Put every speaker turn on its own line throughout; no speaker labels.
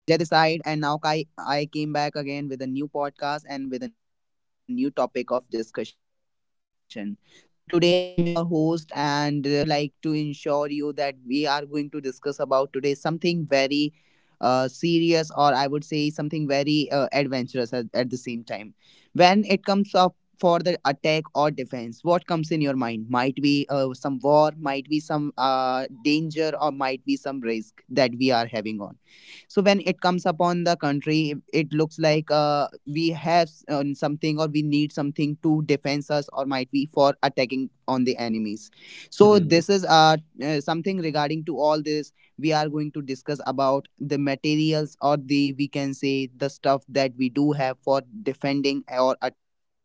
Hey listeners, Ajay this side, and now I came back again with a new podcast and with a new topic of discussion. So today I'm your host, and I would like to ensure you that we are going to discuss about today something very serious, or I would say something very adventurous at the same time. When it comes up for the attack or defense, what comes in your mind? Might be some war, might be some danger, or might be some risk that we are having on. So when it comes upon the country, it looks like we have something, or we need something to defense us, or might be for attacking on the enemies. So this
Mm,
is something regarding to all this. We are going to discuss about the materials, or the, we can say, the stuff that we do have for defending or attack.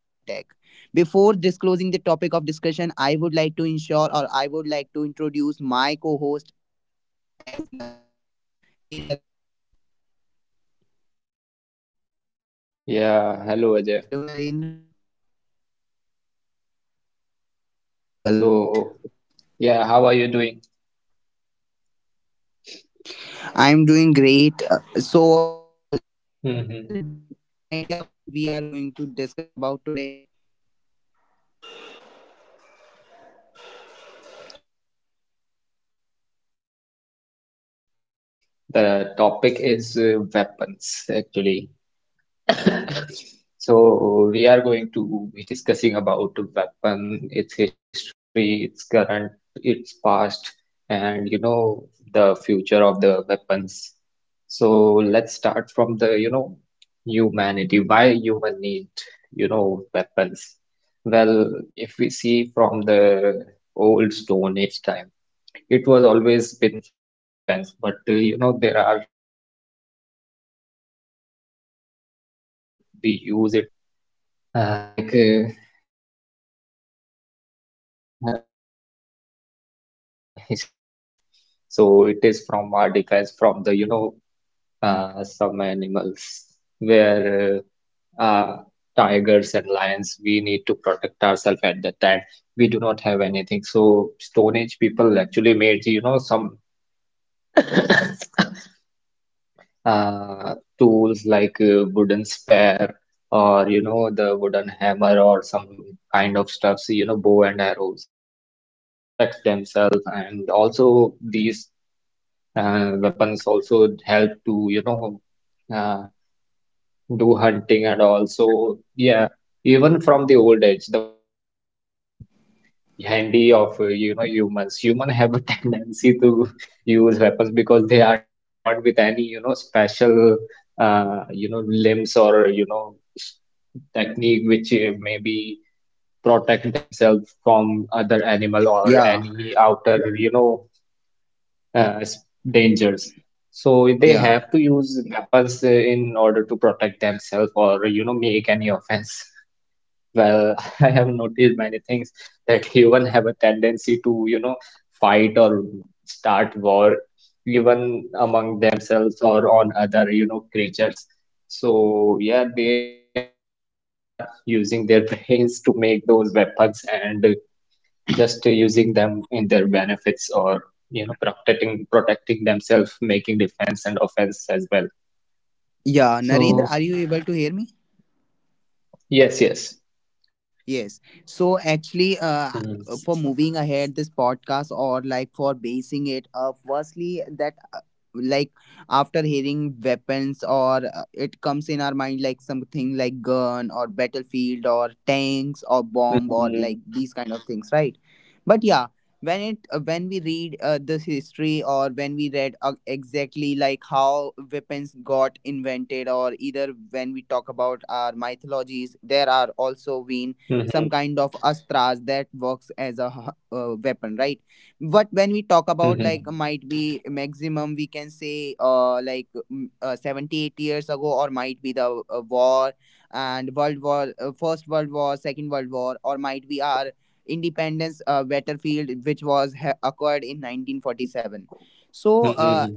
Before disclosing the topic of discussion, I would like to ensure, or I would like to introduce my co-host as Narendra. Hey Narendra. Hello
yeah, hello
Narendra.
Ajay.
Hope so you are audible, right?
So, yeah, how are you doing?
I'm doing great. Like, Narendra, do you have
hmm
any idea what we are going to discuss about today?
Well, the topic is weapons actually. So we are going
Yeah.
to be discussing about weapon, its history, its current, its past, and the future of the weapons. So let's start from the humanity. Why human need weapons? Well, if we see from the old Stone Age time it was always been from defense, but you know there are some criteria where we use it as an offense also. Uh, like uh, uh, let's start from the basics level where history starts. So it is from our defense from the some animals where uh, uh, tigers and lions we need to protect ourselves at that time. We do not have anything. So Stone Age people actually made you know some. Tools like wooden spare or you know the wooden hammer or some kind of stuff so, you know bow and arrows to protect themselves, and also these weapons also help to uh, do hunting. And also yeah, even from the old age the weapons have come handy of you know humans human have a tendency to use weapons because they are not born with any you know special you know limbs or you know s- technique which maybe protect themselves from other animal or
Yeah,
any outer you know uh, s- dangers, so they
yeah,
have to use weapons in order to protect themselves or you know make any offense. Well, I have noticed many things that human have a tendency to, you know, fight or start war even among themselves or on other, you know, creatures. So yeah, they are using their brains to make those weapons, and just using them in their benefits, or, you know, protecting themselves, making defense and offense as well.
yeah.
So
Narendra, are you able to hear me?
yes, yes.
Yes. So actually,
Mm-hmm.
for moving ahead this podcast or like for basing it, firstly that like after hearing weapons or it comes in our mind like something like gun or battlefield or tanks or bomb or
Mm-hmm.
like these kind of things, right? But yeah, when it when we read this history or when we read exactly like how weapons got invented or either when we talk about our mythologies, there are also been some
Mm-hmm.
kind of astras that works as a weapon, right? But when we talk
Mm-hmm.
about like might be maximum we can say like 70 years ago or might be the war and world war first world war, second world war, or might be our independence battlefield which was occurred in 1947. So
Mm-hmm.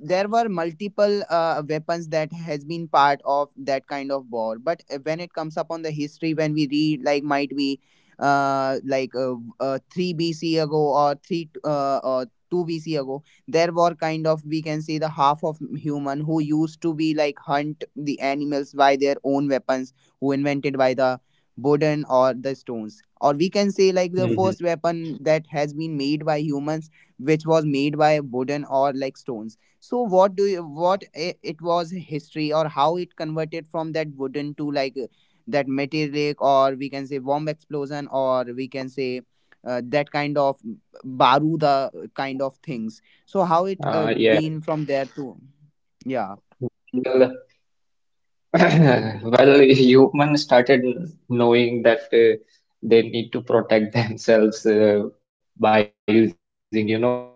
there were multiple weapons that has been part of that kind of war, but when it comes upon the history when we read like might be uh, like uh, 3 BC ago or 2 BC ago. There were kind of we can say the half of human who used to be like hunt the animals by their own weapons who
Hmm.
invented by the wooden or the stones or we can say like the
Hmm.
first weapon that has been made by humans which was made by wooden or like stones. So what do you, it was history or how it converted from that wooden to like that metallic or we can say bomb explosion or we can say that kind of baruda kind of things. So how it
Yeah.
been from there to Yeah,
Well, well, humans started knowing that they need to protect themselves by using, you know,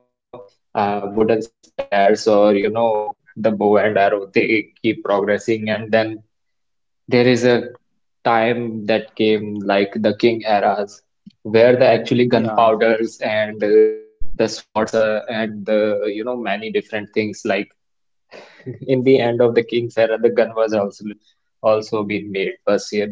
wooden spears, or, you know, the bow and arrow. They keep progressing, and then there is a time that came, like the king eras, where the actually
yeah.
gunpowders and the swords and the, you know, many different things like in the end of the King's era, the gun was also being made. First year. But yeah,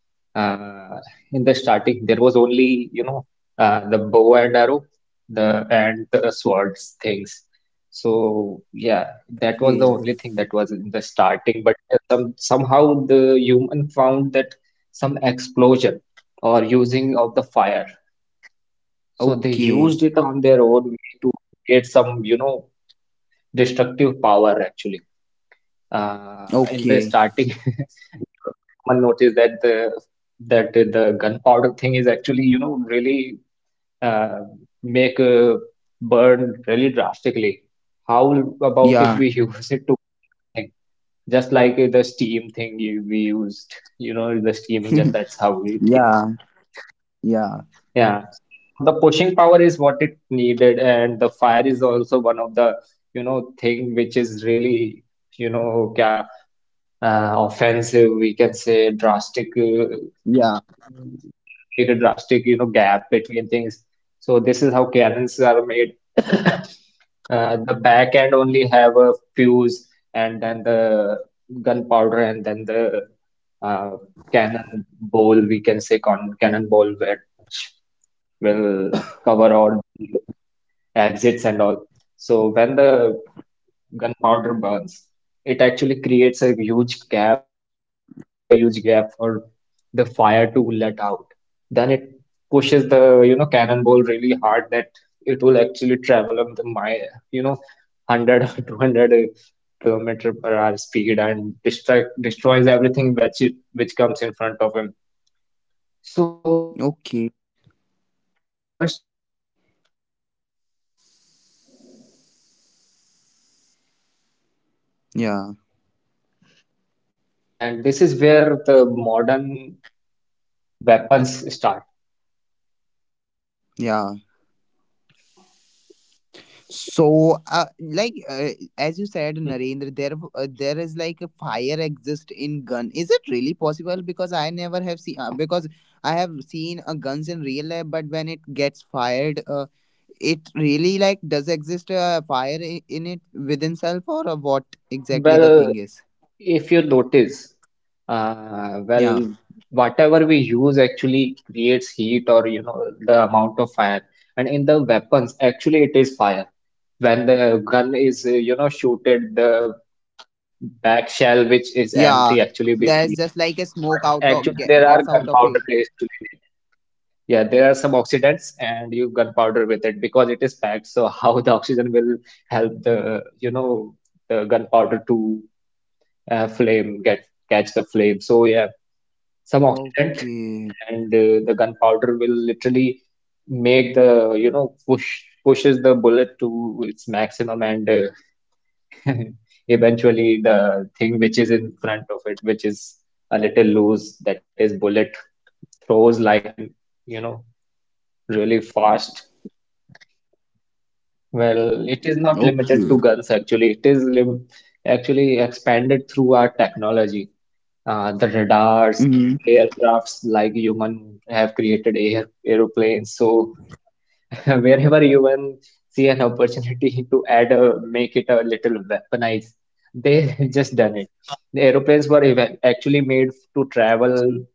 uh, in the starting there was only you know the bow and arrow, the and the swords things. So yeah, that was the
Okay,
only thing that was in the starting. But yeah, somehow the human found that some explosion or using of the fire. So they used
okay,
it on their own way to create some you know destructive power actually in the
okay.
starting. You know the human noticed that the gunpowder thing is actually you know really uh, make a burn really drastically. How about if
Yeah.
we use it to push something, just like the steam thing we used you know the steam engine, that's how it came.
Yeah, yeah,
Yeah, so the pushing power is what it needed, and the fire is also one of the, you know, thing which is really, you know, ca- offensive, we can say drastic,
yeah.
can make a drastic you know gap between things. So this is how cannons are made. The back end only have a fuse, and then the gunpowder, and then the uh, cannon bowl, we can say con cannon bowl, which will cover all the exits and all. So when the gunpowder burns, it actually creates a huge gap, which needs a huge gap for the fire to let out. Then it pushes the, you know, cannonball really hard that it will actually travel up the mile, you know, 100 or 200 kilometer per hour speed and destroys everything which which comes in front of him. So this is
Okay.
the first creation which is actually you know different than the normal ones like swords, bow and arrow, or
Yeah,
something. And this is where the modern weapons start.
yeah. So, as you said, Narendra, there there is like a fire exist in gun. Is it really possible? Because I never have seen because I have seen guns in real life, but when it gets fired, it really like does exist a fire in it within self or what exactly the thing
Well,
is?
if you notice,
Yeah,
well, whatever we use actually creates heat, or you know the amount of fire. And in the weapons, actually it is fire. When the gun is you know shooted, the back shell which is
yeah.
empty actually be
There is
seen.
just like a smoke
But
out of
actually
get,
there are
gets out of it.
gunpowder actually in it. Yeah, there are some oxidants and you gunpowder with it because it is packed. So how the oxygen will help the you know the gunpowder to flame, get catch the flame. So yeah, some oxidant,
Okay,
and the gunpowder will literally make the you know pushes the bullet to its maximum, and eventually the thing which is in front of it, which is a little loose, that is bullet, throws like in you know really fast. Well, it is not limited to
okay.
guns, actually it is lim, actually expanded through our technology. The radars,
Hmm.
the aircrafts, like human have created air aeroplanes. So wherever human see an opportunity to add a make it a little weaponized, they just done it. The actually made to travel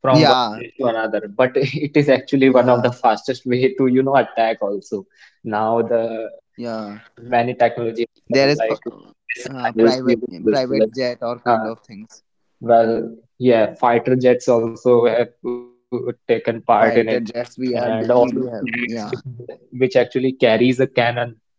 from one
Yeah,
place to another, but it is actually one of the
yeah,
fastest way to you know attack also. Now the
yeah.
many technology has
There
come
is
like
uh,
missiles,
private
you know,
private
bullets.
jet or kind
uh,
of things.
well, yeah, fighter jets also have taken part in it,
Fighter jets
and also the
we do have.
tanks, which is
Yeah,
which actually carries a cannon.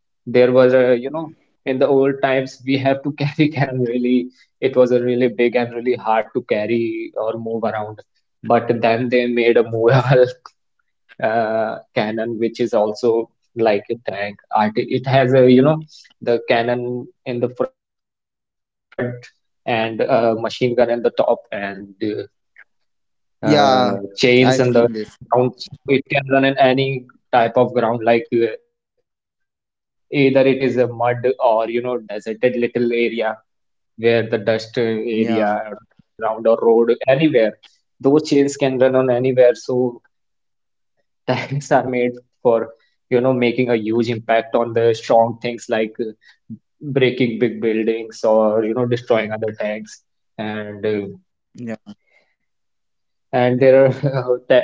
There was a, you know, in the old times we have to carry cannon really. It was a really big and really hard to carry or move around. But then they made a movable cannon, which is also like a tank. It has a, you know, the cannon in the front and a machine gun in the top, and chains
yeah.
and Yeah. the
I've
ground,
seen
so
this.
it can run in any type of ground like either it is a mud or you know deserted little area where the dust area, normal
Yeah,
ground or road, anywhere, those chains can run on anywhere. So tires are made for you know making a huge impact on the strong things like breaking big buildings or you know destroying other tanks. And uh,
yeah.
and there are te,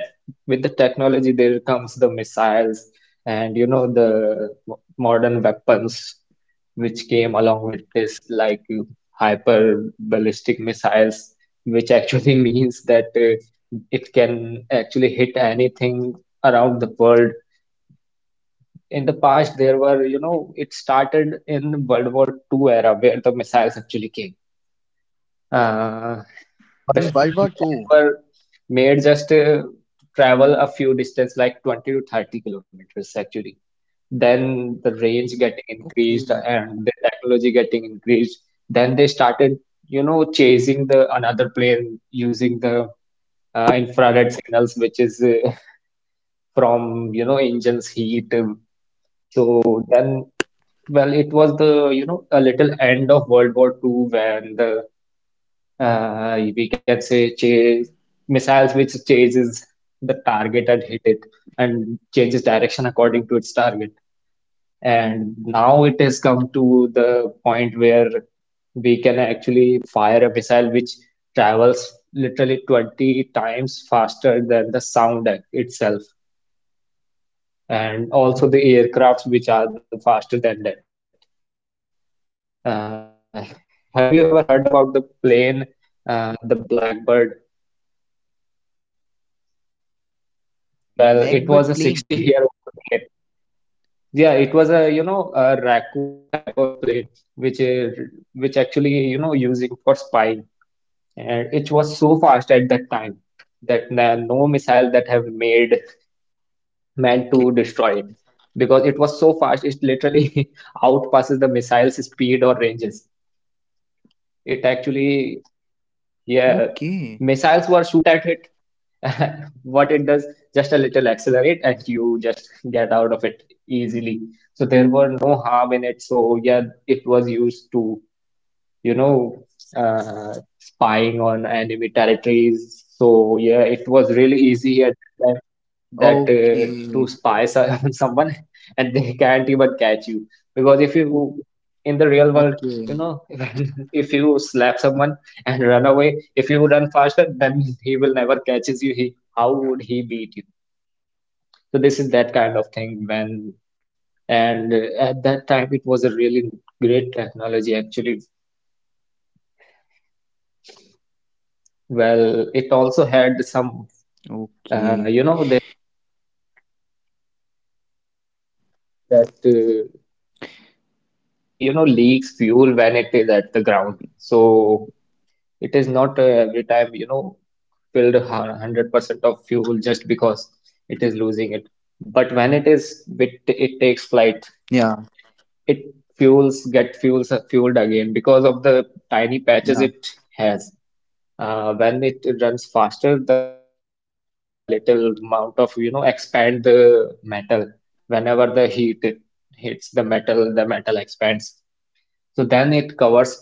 with the technology there comes the missiles and you know the modern weapons which came along with this like hyper ballistic missiles, which actually means that it can actually hit anything around the world. In the past there were you know it started in World War Two era where the missiles actually came. Uh,
In World
Firstly,
War
the
Two.
missile were made just to travel a few distance, like 20 to 30 kilometers actually. Then the range getting
Okay.
increased and the technology getting increased. Then they started, you know, chasing the another plane using the infrared signals, which is from, you know, engines heat. So then, well, it was the, you know, a little end of World War Two when the we can say chase missiles which chases the target and hit it and changes direction according to its target. And now it has come to the point where we can actually fire a missile which travels literally 20 times faster than the sound itself, and also the aircrafts which are the faster than that. Uh, have you ever heard about the plane, the Blackbird? Well, it was a
Blackbird plane.
60-year-old plane. Yeah, it was a you know a raccoon type of plane, which is which actually you know using for spying, and it was so fast at that time that no missile that have made
Okay.
man to destroy it, because it was so fast it literally outpasses the missile's speed or ranges. It
Okay.
actually yeah, missiles were shoot at it, what it does, just a little accelerate and you just get out of it easily. So there were no harm in it. So yeah, it was used to, you know, spying on enemy territories. So yeah, it was really easy at the
Okay.
time that to spy on someone, and they can't even catch you.
Okay.
Because if you in the real world, you know, if you slap someone and run away, if you run faster, then he will never catches you. He, how would he beat you? So this is that kind of thing when, and at that time it was a really great technology actually. Well,
Okay.
it also had some, you know, that it's actually, you know, leaks fuel when it is at the ground. So it is not every time, you know, 100% of fuel just because it is losing it. But
Yeah.
when it takes flight, it fuels,
Yeah.
fueled again because of the tiny patches it has. Uh, when it runs faster the heat will melt a little amount of, you know, expand the metal. Whenever the heat it hits the metal, the metal expands, so then it covers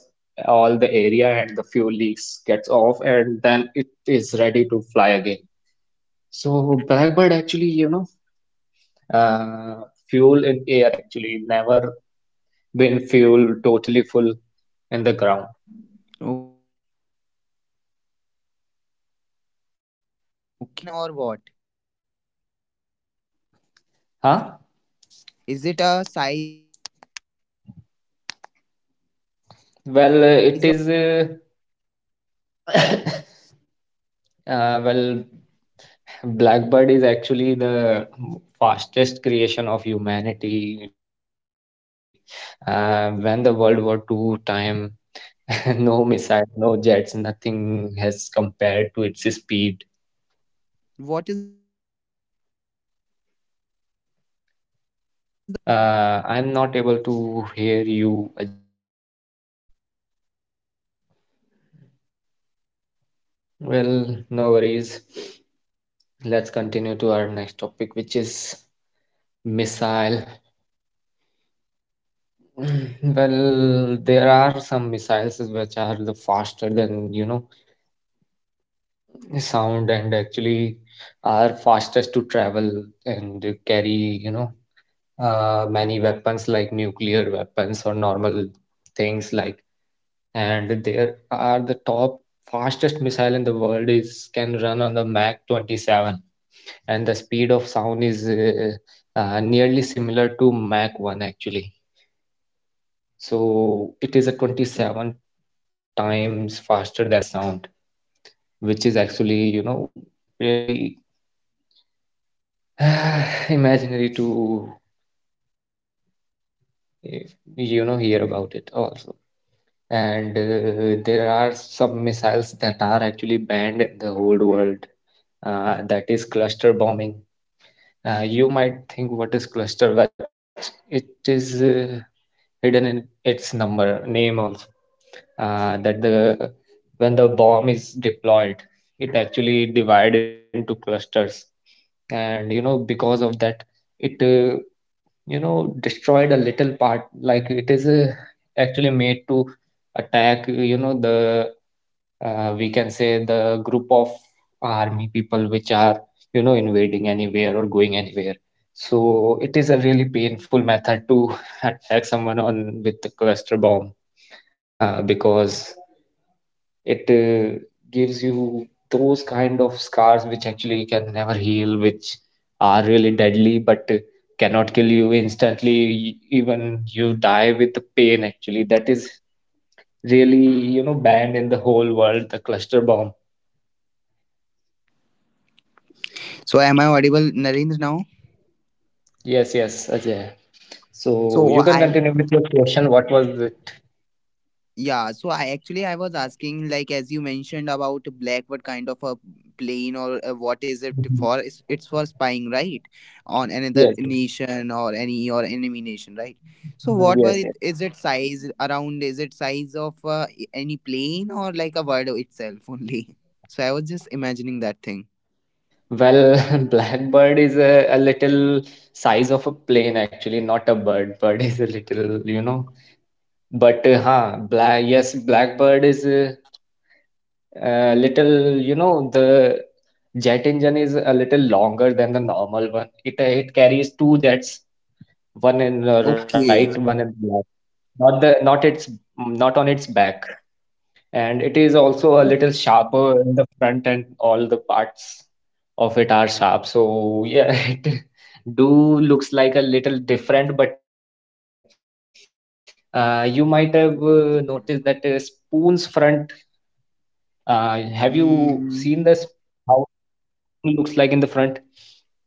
all the area and the fuel leaks gets off and then it is ready to fly again. So blackbird actually, you know, uh, fuel in air actually never been fuel totally full in the ground.
Okay. So is it like a size of we can say any plane or what?
Huh?
Is it a size of a plane or what? Like that you are
Well,
talking
it
about
is.
Blackbird.
Well, Blackbird is actually the fastest creation of humanity these days, actually. When the
So,
World War Two
what is the
time,
size of it?
no missile, no jets, nothing has compared to its speed.
What is the size of it, Narendra?
I'm not able to hear you, Ajay. Well, no worries. Let's continue to our next topic, which is missile. Well, there are some missiles which are the faster than, you know, the sound, and actually are fastest to travel, and they carry, you know, many weapons like nuclear weapons or normal things like. And there are the top fastest missile in the world is can run on the Mach 27, and the speed of sound is nearly similar to Mach 1 actually, so it is a 27 times faster than the sound, which is actually, you know, really imaginary to eh, you know, hear about it also. And there are some missiles that are actually banned in the whole world. That is cluster bombing. Uh, you might think what is cluster, but it is, hidden in its number name also. Uh, that the when the bomb is deployed, it actually divide into clusters, and you know, because of that, it, you know, destroyed a little part. Like it is, actually made to attack, you know, the, we can say the group of army people which are, you know, invading anywhere or going anywhere. So it is a really painful method to attack someone on with the cluster bomb. Because it, gives you those kind of scars which actually can never heal, which are really deadly, but cannot kill you instantly. Even you die with the pain actually. That is really, you know, banned in the whole world, the cluster bomb.
So am I audible, Narendra, now?
Yes, yes, Ajay. So
So
you can
I
continue with your question. What was it?
Yeah, so I actually I was asking like as you mentioned about black what kind of a plane or what is it
Mhm.
for? It's for spying, right? On another
Yes.
nation or any or enemy nation, right? So
Mhm,
what was
yes.
it? Is it size around? Is it size of any plane or like a word itself only? So I was just imagining that thing.
Well, blackbird is a little size of a plane actually, not a bird. Bird is a little, you know. But huh, black, yes, blackbird is a little, you know, the jet engine is a little longer than the normal one. It, it carries two jets, one in the right,
Okay.
one in the left. Not its, not on its back. And it is also a little sharper in the front, and all the parts of it are sharp, so yeah, it do looks like a little different, but yeah, you might have, noticed that, spoon's front. Have you seen this,
Mm,
how the spoon looks like in the front?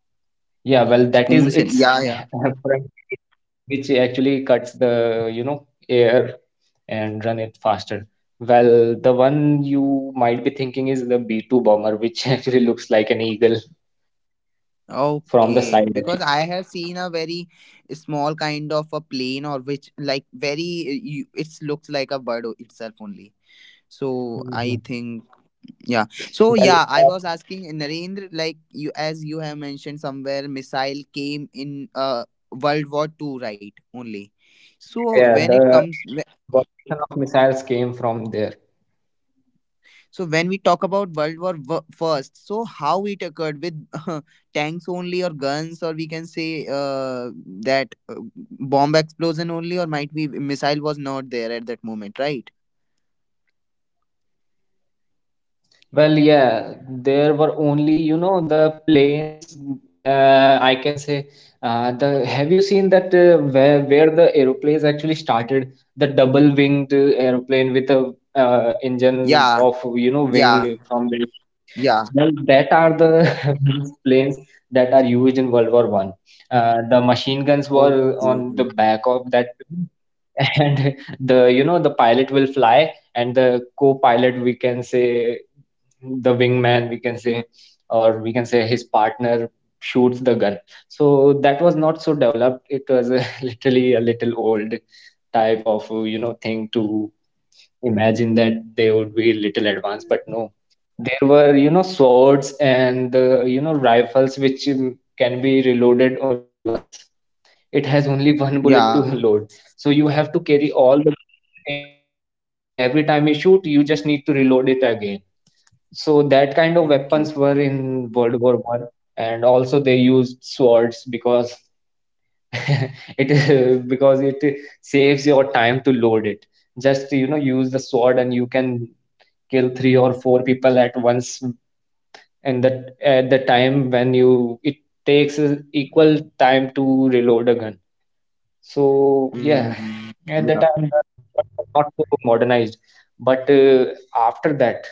Yeah, well, that is its
spoons and yeah, yeah.
front area, which actually cuts the, you know, air and run it faster. Well, the one you might be thinking is the B-2 bomber, which actually looks like an eagle from the
Okay,
side,
because I
actually.
have seen a very small kind of a plane or which like very you, it looks like a bird itself only. So I
Hmm.
think yeah. So yeah,
Well,
I was asking
actually,
Narendra like you as you have mentioned somewhere missile came in World War II right only.
yeah,
So
yeah,
when it comes.
evolution of missiles came from there.
So when we talk about World War First, so how it occurred with tanks only or guns, or we can say that bomb explosion only, or might be missile was not there at that moment, right?
Well, yeah, there were only, you know, the planes. Mm, I can say, the have you seen that, where the aeroplanes actually started? The double winged aeroplane with a, engine
Yeah,
of, you know, wing,
yeah,
from the,
yeah.
well, that are the planes that are used in World War One. The machine guns were on the
Okay.
back of that, and the, you know, the pilot will fly, and the co-pilot, we can say, the wingman, we can say, or we can say his partner shoots the gun. So that was not so developed. It was a, literally a little old type of, you know, thing to imagine that they would be little advanced, but no, there were, you know, swords and, you know, rifles which can be reloaded only once. It has only one bullet to
Yeah.
load, so you have to carry all the bullets in with yourself. And every time you shoot you just need to reload it again. So that kind of
Okay.
weapons were in world war 1. And also they used swords because it, because it, saves your time to load it. Just, you know, use the sword and you can kill three or four people at once. And that at the time when you it takes, equal time to reload a gun. So yeah,
Mm,
at the
yeah.
time the weapons were not so modernized, but after that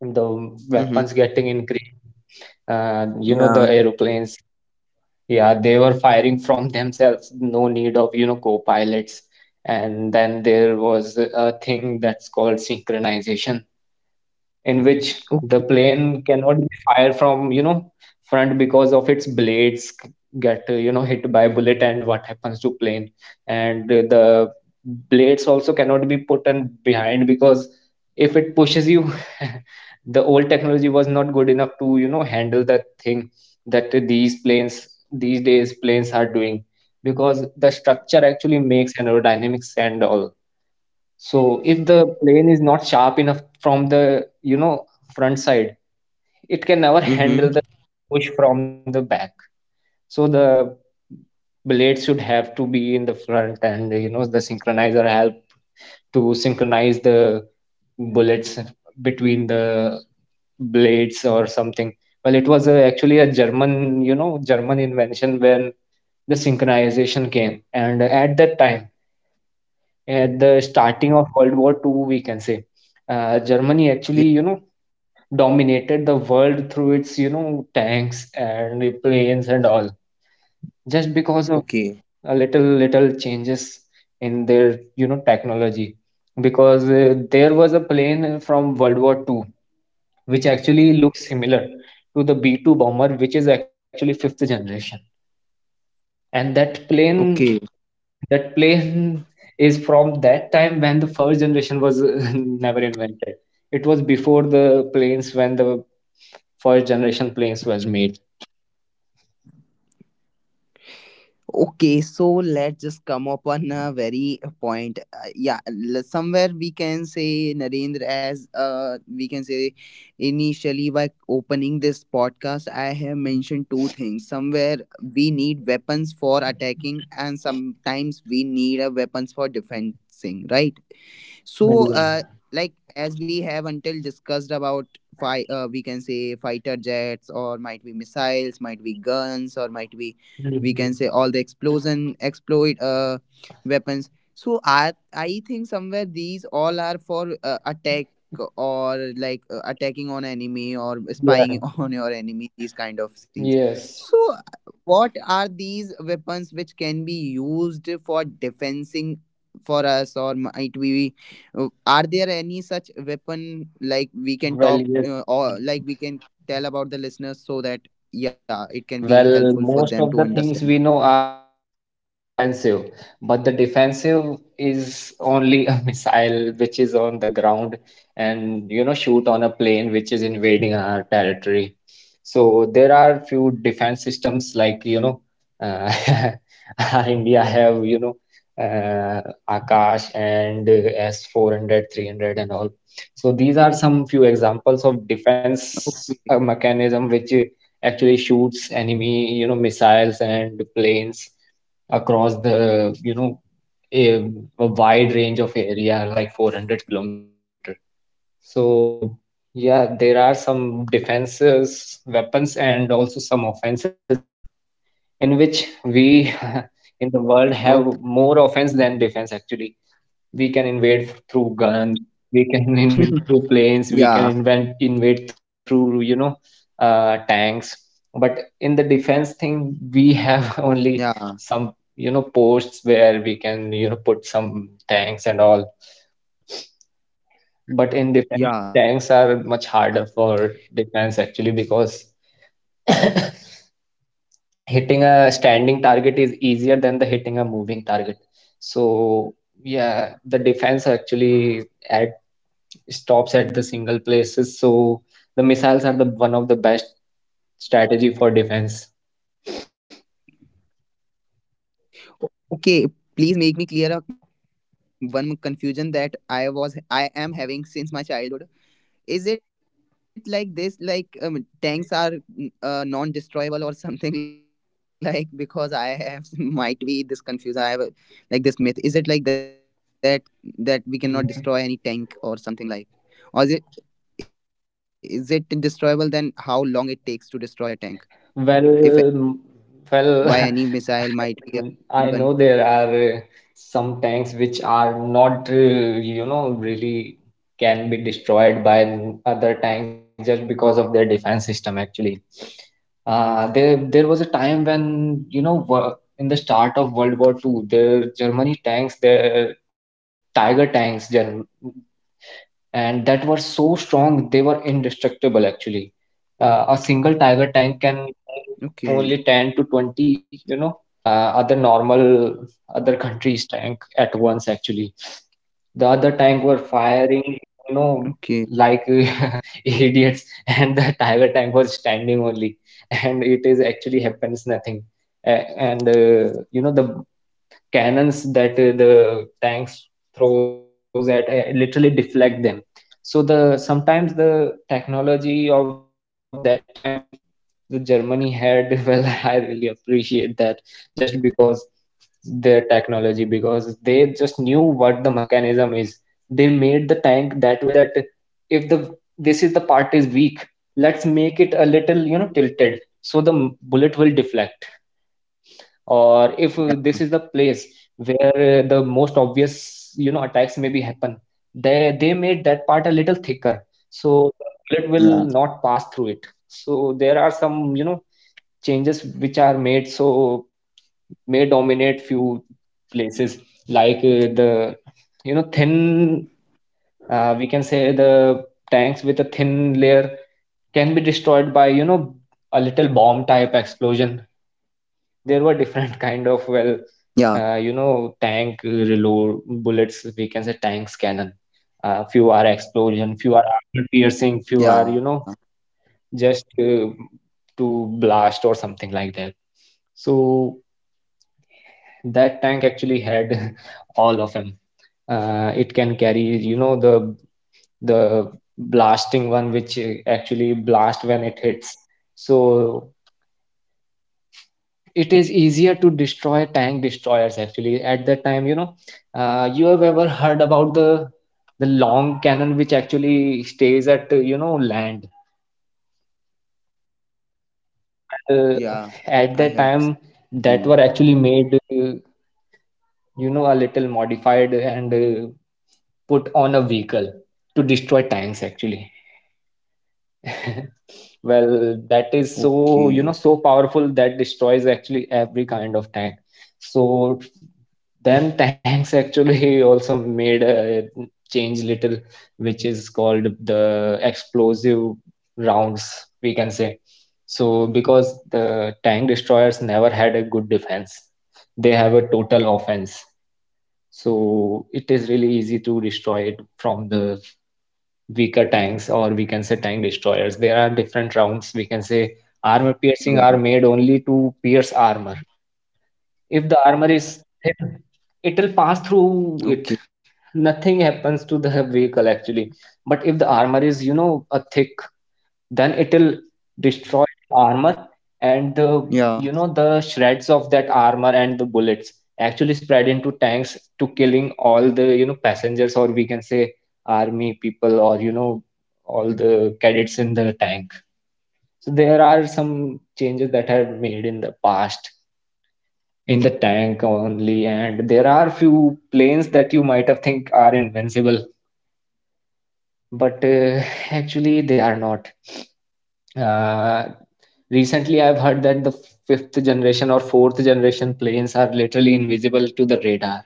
the
Mm-hmm.
weapons getting increased. You know,
Yeah.
the aeroplanes. Yeah, they were firing from themselves. No need of, you know, co-pilots. And then there was a thing that's called synchronization, in which the
Okay.
plane cannot be fired from, you know, front because of its blades get, you know, hit by bullet and what happens to plane. And the blades also cannot be put in behind, because if it pushes you, the old technology was not good enough to, you know, handle that thing that these days planes are doing, because the structure actually makes aerodynamics and all. So if the plane is not sharp enough from the, you know, front side, it can never handle the
Mm-hmm.
push from the back. So the blade should have to be in the front, and you know the synchronizer help to synchronize the bullets between the blades or something. Well, it was a, actually a german, you know, german invention, when the synchronization came, and at that time, at the starting of World War Two, we can say. Germany actually,
Yeah.
you know, dominated the world through its, you know, tanks and the planes and all, just because of
Okay.
a little changes in their, you know, technology. Because there was a plane from World War Two which actually looks similar to the B-2 bomber, which is actually fifth generation. And
Okay.
that plane is from that time when the first generation was, never invented. It was before the planes, when the first generation planes was made.
Okay, so let's just come upon a very point. Yeah, somewhere we can say Narendra as we can say initially by opening this podcast, I have mentioned two things. Somewhere we need weapons for attacking, and sometimes we need a weapons for defending. Right?
Well,
So,
yeah.
like as we have until discussed about we can say fighter jets or might be missiles, might be guns, or might be we
Mhm.
can say all the explosion exploit weapons. So I think somewhere these all are for attack or like attacking on enemy or
Yeah.
spying on your enemy these kind of scenes.
Yes.
So what are these weapons which can be used for defensing for us or might we are there any such weapon like we can
Well,
talk
yes.
or like we can tell about the listeners so that yeah, it can be helpful
Well,
for them
most
to
of the
understand.
things we know are offensive, but the defensive is only a missile which is on the ground and, you know, shoot on a plane which is invading our territory. So there are few defense systems like, you know, uh, our India have, you know, uh, Akash and S 400, 300 and all. So these are some few examples
Okay.
of defense mechanism which. Actually shoots enemy, you know, missiles and planes across the, you know, a, a wide range of area, like 400 kilometer. So yeah, there are some defenses, weapons, and also some offenses, in which we in
Okay.
the world have more offense than defense, actually. We can invade through guns, we can
Yeah.
invade through planes, we can invent invade through, you know, tanks. But in the defense thing we
Yeah.
have only some, you know, posts where we can, you know, put some tanks and all. But in
Yeah.
defense tanks are much harder for defense actually, because hitting a standing target is easier than the hitting a moving target. So yeah, the defense actually add stops at the single places. So the missiles are the one of the best strategy for defense.
O- Okay, please make me clear a one confusion that I am having since my childhood. Is it like this? Like tanks are non-destroyable or something like? Because I have might be this confusion. I have a, like this myth. Is it like that that we cannot destroy any tank or
Mhm.
something like? Or is it destroyable? Then how long it takes to destroy a tank? If
Well,
by any
mm,
missile might be a
well,
machine gun.
I I know there are, some tanks which are not, you know, really can be destroyed by other tanks, just because of their defense system actually. There was a time when in the start of World War Two, the Germany tanks, the Tiger tanks, Germ and that were so strong they were indestructible actually. A single tiger tank can
Okay.
take only 10 to 20, you know, uh, other normal other countries tank at once actually. The other tank were
Okay.
firing, you know, like idiots, and the tiger tank was standing only and it is actually happens nothing. A- and You know, the cannons that the tanks throws at literally deflect them. So the sometimes the technology of that time the Germany had. Well, I really appreciate that just because their technology, because they just knew what the mechanism is. They made the tank that way that if the this is the part is weak, let's make it a little, you know, tilted so the bullet will deflect.
Yeah.
Or if this is the place where the most obvious, you know, attacks maybe happen, they made that part a little
Yeah.
thicker so the bullet will not pass through it. So there are some, you know, changes which are made, so may dominate few places. Like the, you know, thin, we can say the tanks with a thin layer can be destroyed by, you know, a little bomb type explosion. There were different
Yeah.
kind of, well, you know, tank reload bullets, we can say tanks cannon. Few are explosion, few
Yeah.
are armor piercing, few are, you know, just to blast or something like that. So that tank actually had all of them. It can carry, you know, the blasting one, which actually blast when it hits. So it is easier to destroy tank destroyers actually at that time, you know. You have ever heard about the long cannon which actually stays at, you know, land.
Yeah. I have
Well,
seen.
at that time, that were actually made, you know, a little modified, and put on a vehicle to destroy tanks actually.
Okay.
Well, that is so, you know, so powerful that destroys actually every kind of tank. So then tanks actually also made a change little, which is called the explosive rounds, we can say. So because the
Hmm.
tank destroyers never had a good defense, they have a total offense. So it is really easy to destroy it from the weaker tanks, or we can say tank destroyers. There are different
Yeah.
rounds. We can say armor piercing are made only to pierce armor. If the armor is
Okay.
thin, it will pass through it. Nothing happens to the vehicle actually. But if the armor is, you know, a thick, then it'll
Yeah.
destroy the armor and the, you know, the shreds of that armor and the bullets actually spread into tanks to killing all the, you know, passengers, or we can say army people, or you know, all the cadets in the tank. So there are some
Yeah.
changes that have made in the past in the tank only, and there are few planes
So
that you might have think are invincible, but actually
sorry.
they are not. Uh,
Yeah.
Recently, I've heard that the fifth generation or fourth generation planes are literally invisible to the radar.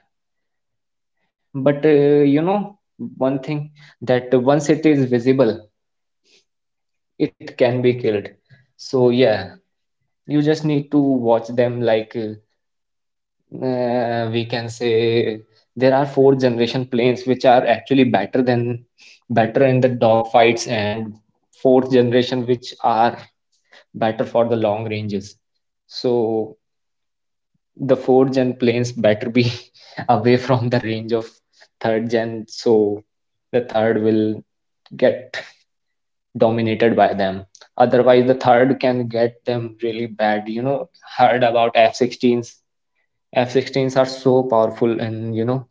But you know,
Okay.
one thing that once it is visible, it can
Mm-hmm.
be killed. So yeah, you just need to watch them. Like we can say there are fourth generation planes which are actually better than better in the
Yeah.
dog fights, and fourth generation which are better for the long ranges. So the fourth gen planes better be
So Narendra,
away from the range of
somewhere I
third
think so.
gen. So
Yeah.
the third will
So as per my
get
reviews, all the
dominated
listeners,
by
I
them.
think for
Otherwise,
as
the
of
third
today
can
or for
get
this
them really
podcast
bad. You
about.
know, heard about F 16s. F 16s are so powerful, and you know,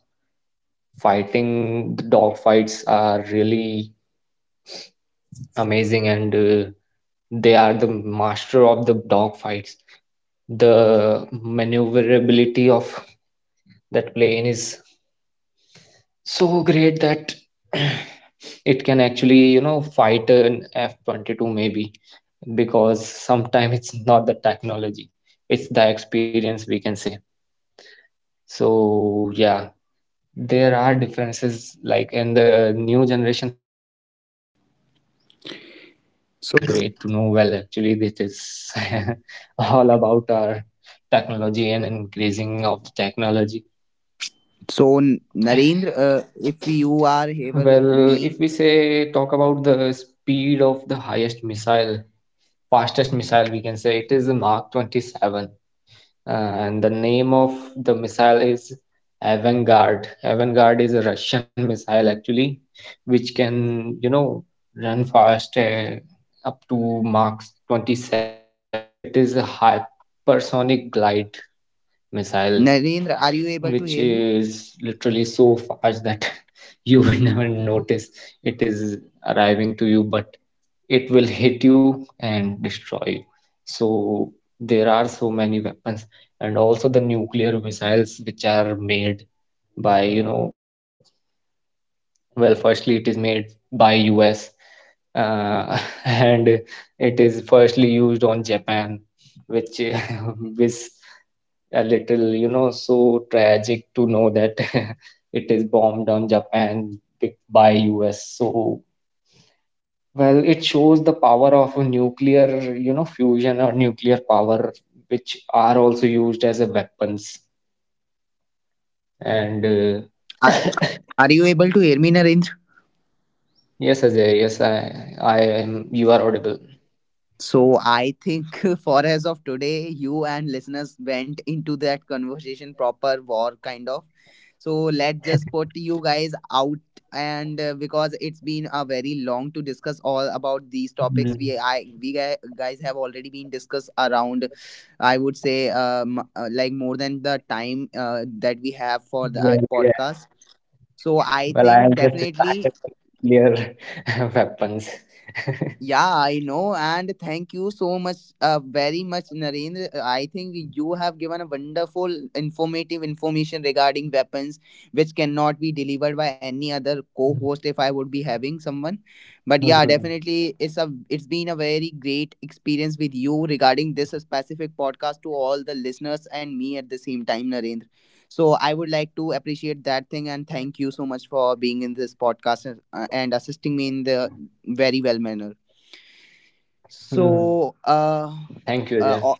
fighting the dog fights are really amazing, and they are the master of the dog fights. The maneuverability of that plane is so great that it can actually, you know, fight an F-22 maybe, because sometimes it's not the technology, it's the experience, we can say. So yeah, there are differences, like in the new generation having a fifth gen plane, which is actually really great
So,
to know. Well, actually, this is all about our technology and increasing of the technology.
so Narendra, if you are able
Well, if
me,
we say talk about the speed of the highest missile, fastest missile, we can say it is the Mark 27. And the name of the missile is Avangard. Avangard is a Russian missile actually, which can, you know, run fast up to Mach 27. It is a hypersonic glide missile,
Narendra, are you able to
which
hear me?
is literally so fast that you will never notice it is arriving to you, but it will hit you and destroy you. So there are so many weapons, and also the nuclear missiles which are made by, you know, well, firstly it is made by U.S. Uh, and it is firstly used on Japan, which is a little, you know, so tragic to know that it is bombed on Japan by U.S. So well, it shows the power of a nuclear, you know, fusion or nuclear power, which are also used as a weapons. And
Are, are you able to hear me, Narendra?
yes, Ajay, yes, I am. You are audible.
So I think for as of today, you and listeners went into that conversation proper war kind of. So let's just put you guys out and because it's been a very long to discuss all about these topics
Mm.
we I we gu- guys have already been discussed around. I would say like more than the time that we have for the
Well, yeah.
podcast so I
Well, I
think
have just
definitely.
started the nuclear weapons.
Yeah, I know, and thank you so much, very much, Narendra. I think you have given a wonderful, informative information regarding weapons, which cannot be delivered by any other co-host if I would be having someone. But yeah,
Mhm.
definitely, it's been a very great experience with you regarding this specific podcast to all the listeners and me at the same time, Narendra. So I would like to appreciate that thing and thank you so much for being in this podcast and assisting me in the very well manner.
Mm.
So,
Yeah. Thank you, Ajay.
uh,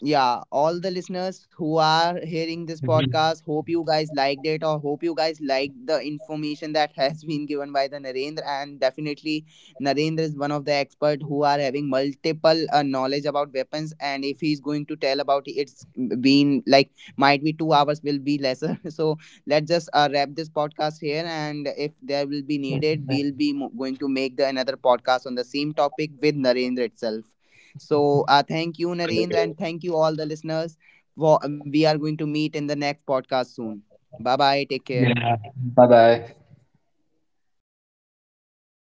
yeah, all the listeners who are hearing this
Mhm.
podcast, hope you guys liked it or hope you guys liked the information that has been given by the Narendra, and definitely Narendra is one of the expert who are having multiple knowledge about weapons, and if he's going to tell about it, it's been like might be 2 hours will be lesser so let's just wrap this podcast here and if there will be needed we'll be going to make the another podcast on the same topic with Narendra itself. So thank you,
Well,
Narendra,
yeah.
and thank you all the listeners. For, we are going to meet in the next podcast soon. Bye bye. Take care.
Yeah. Bye bye.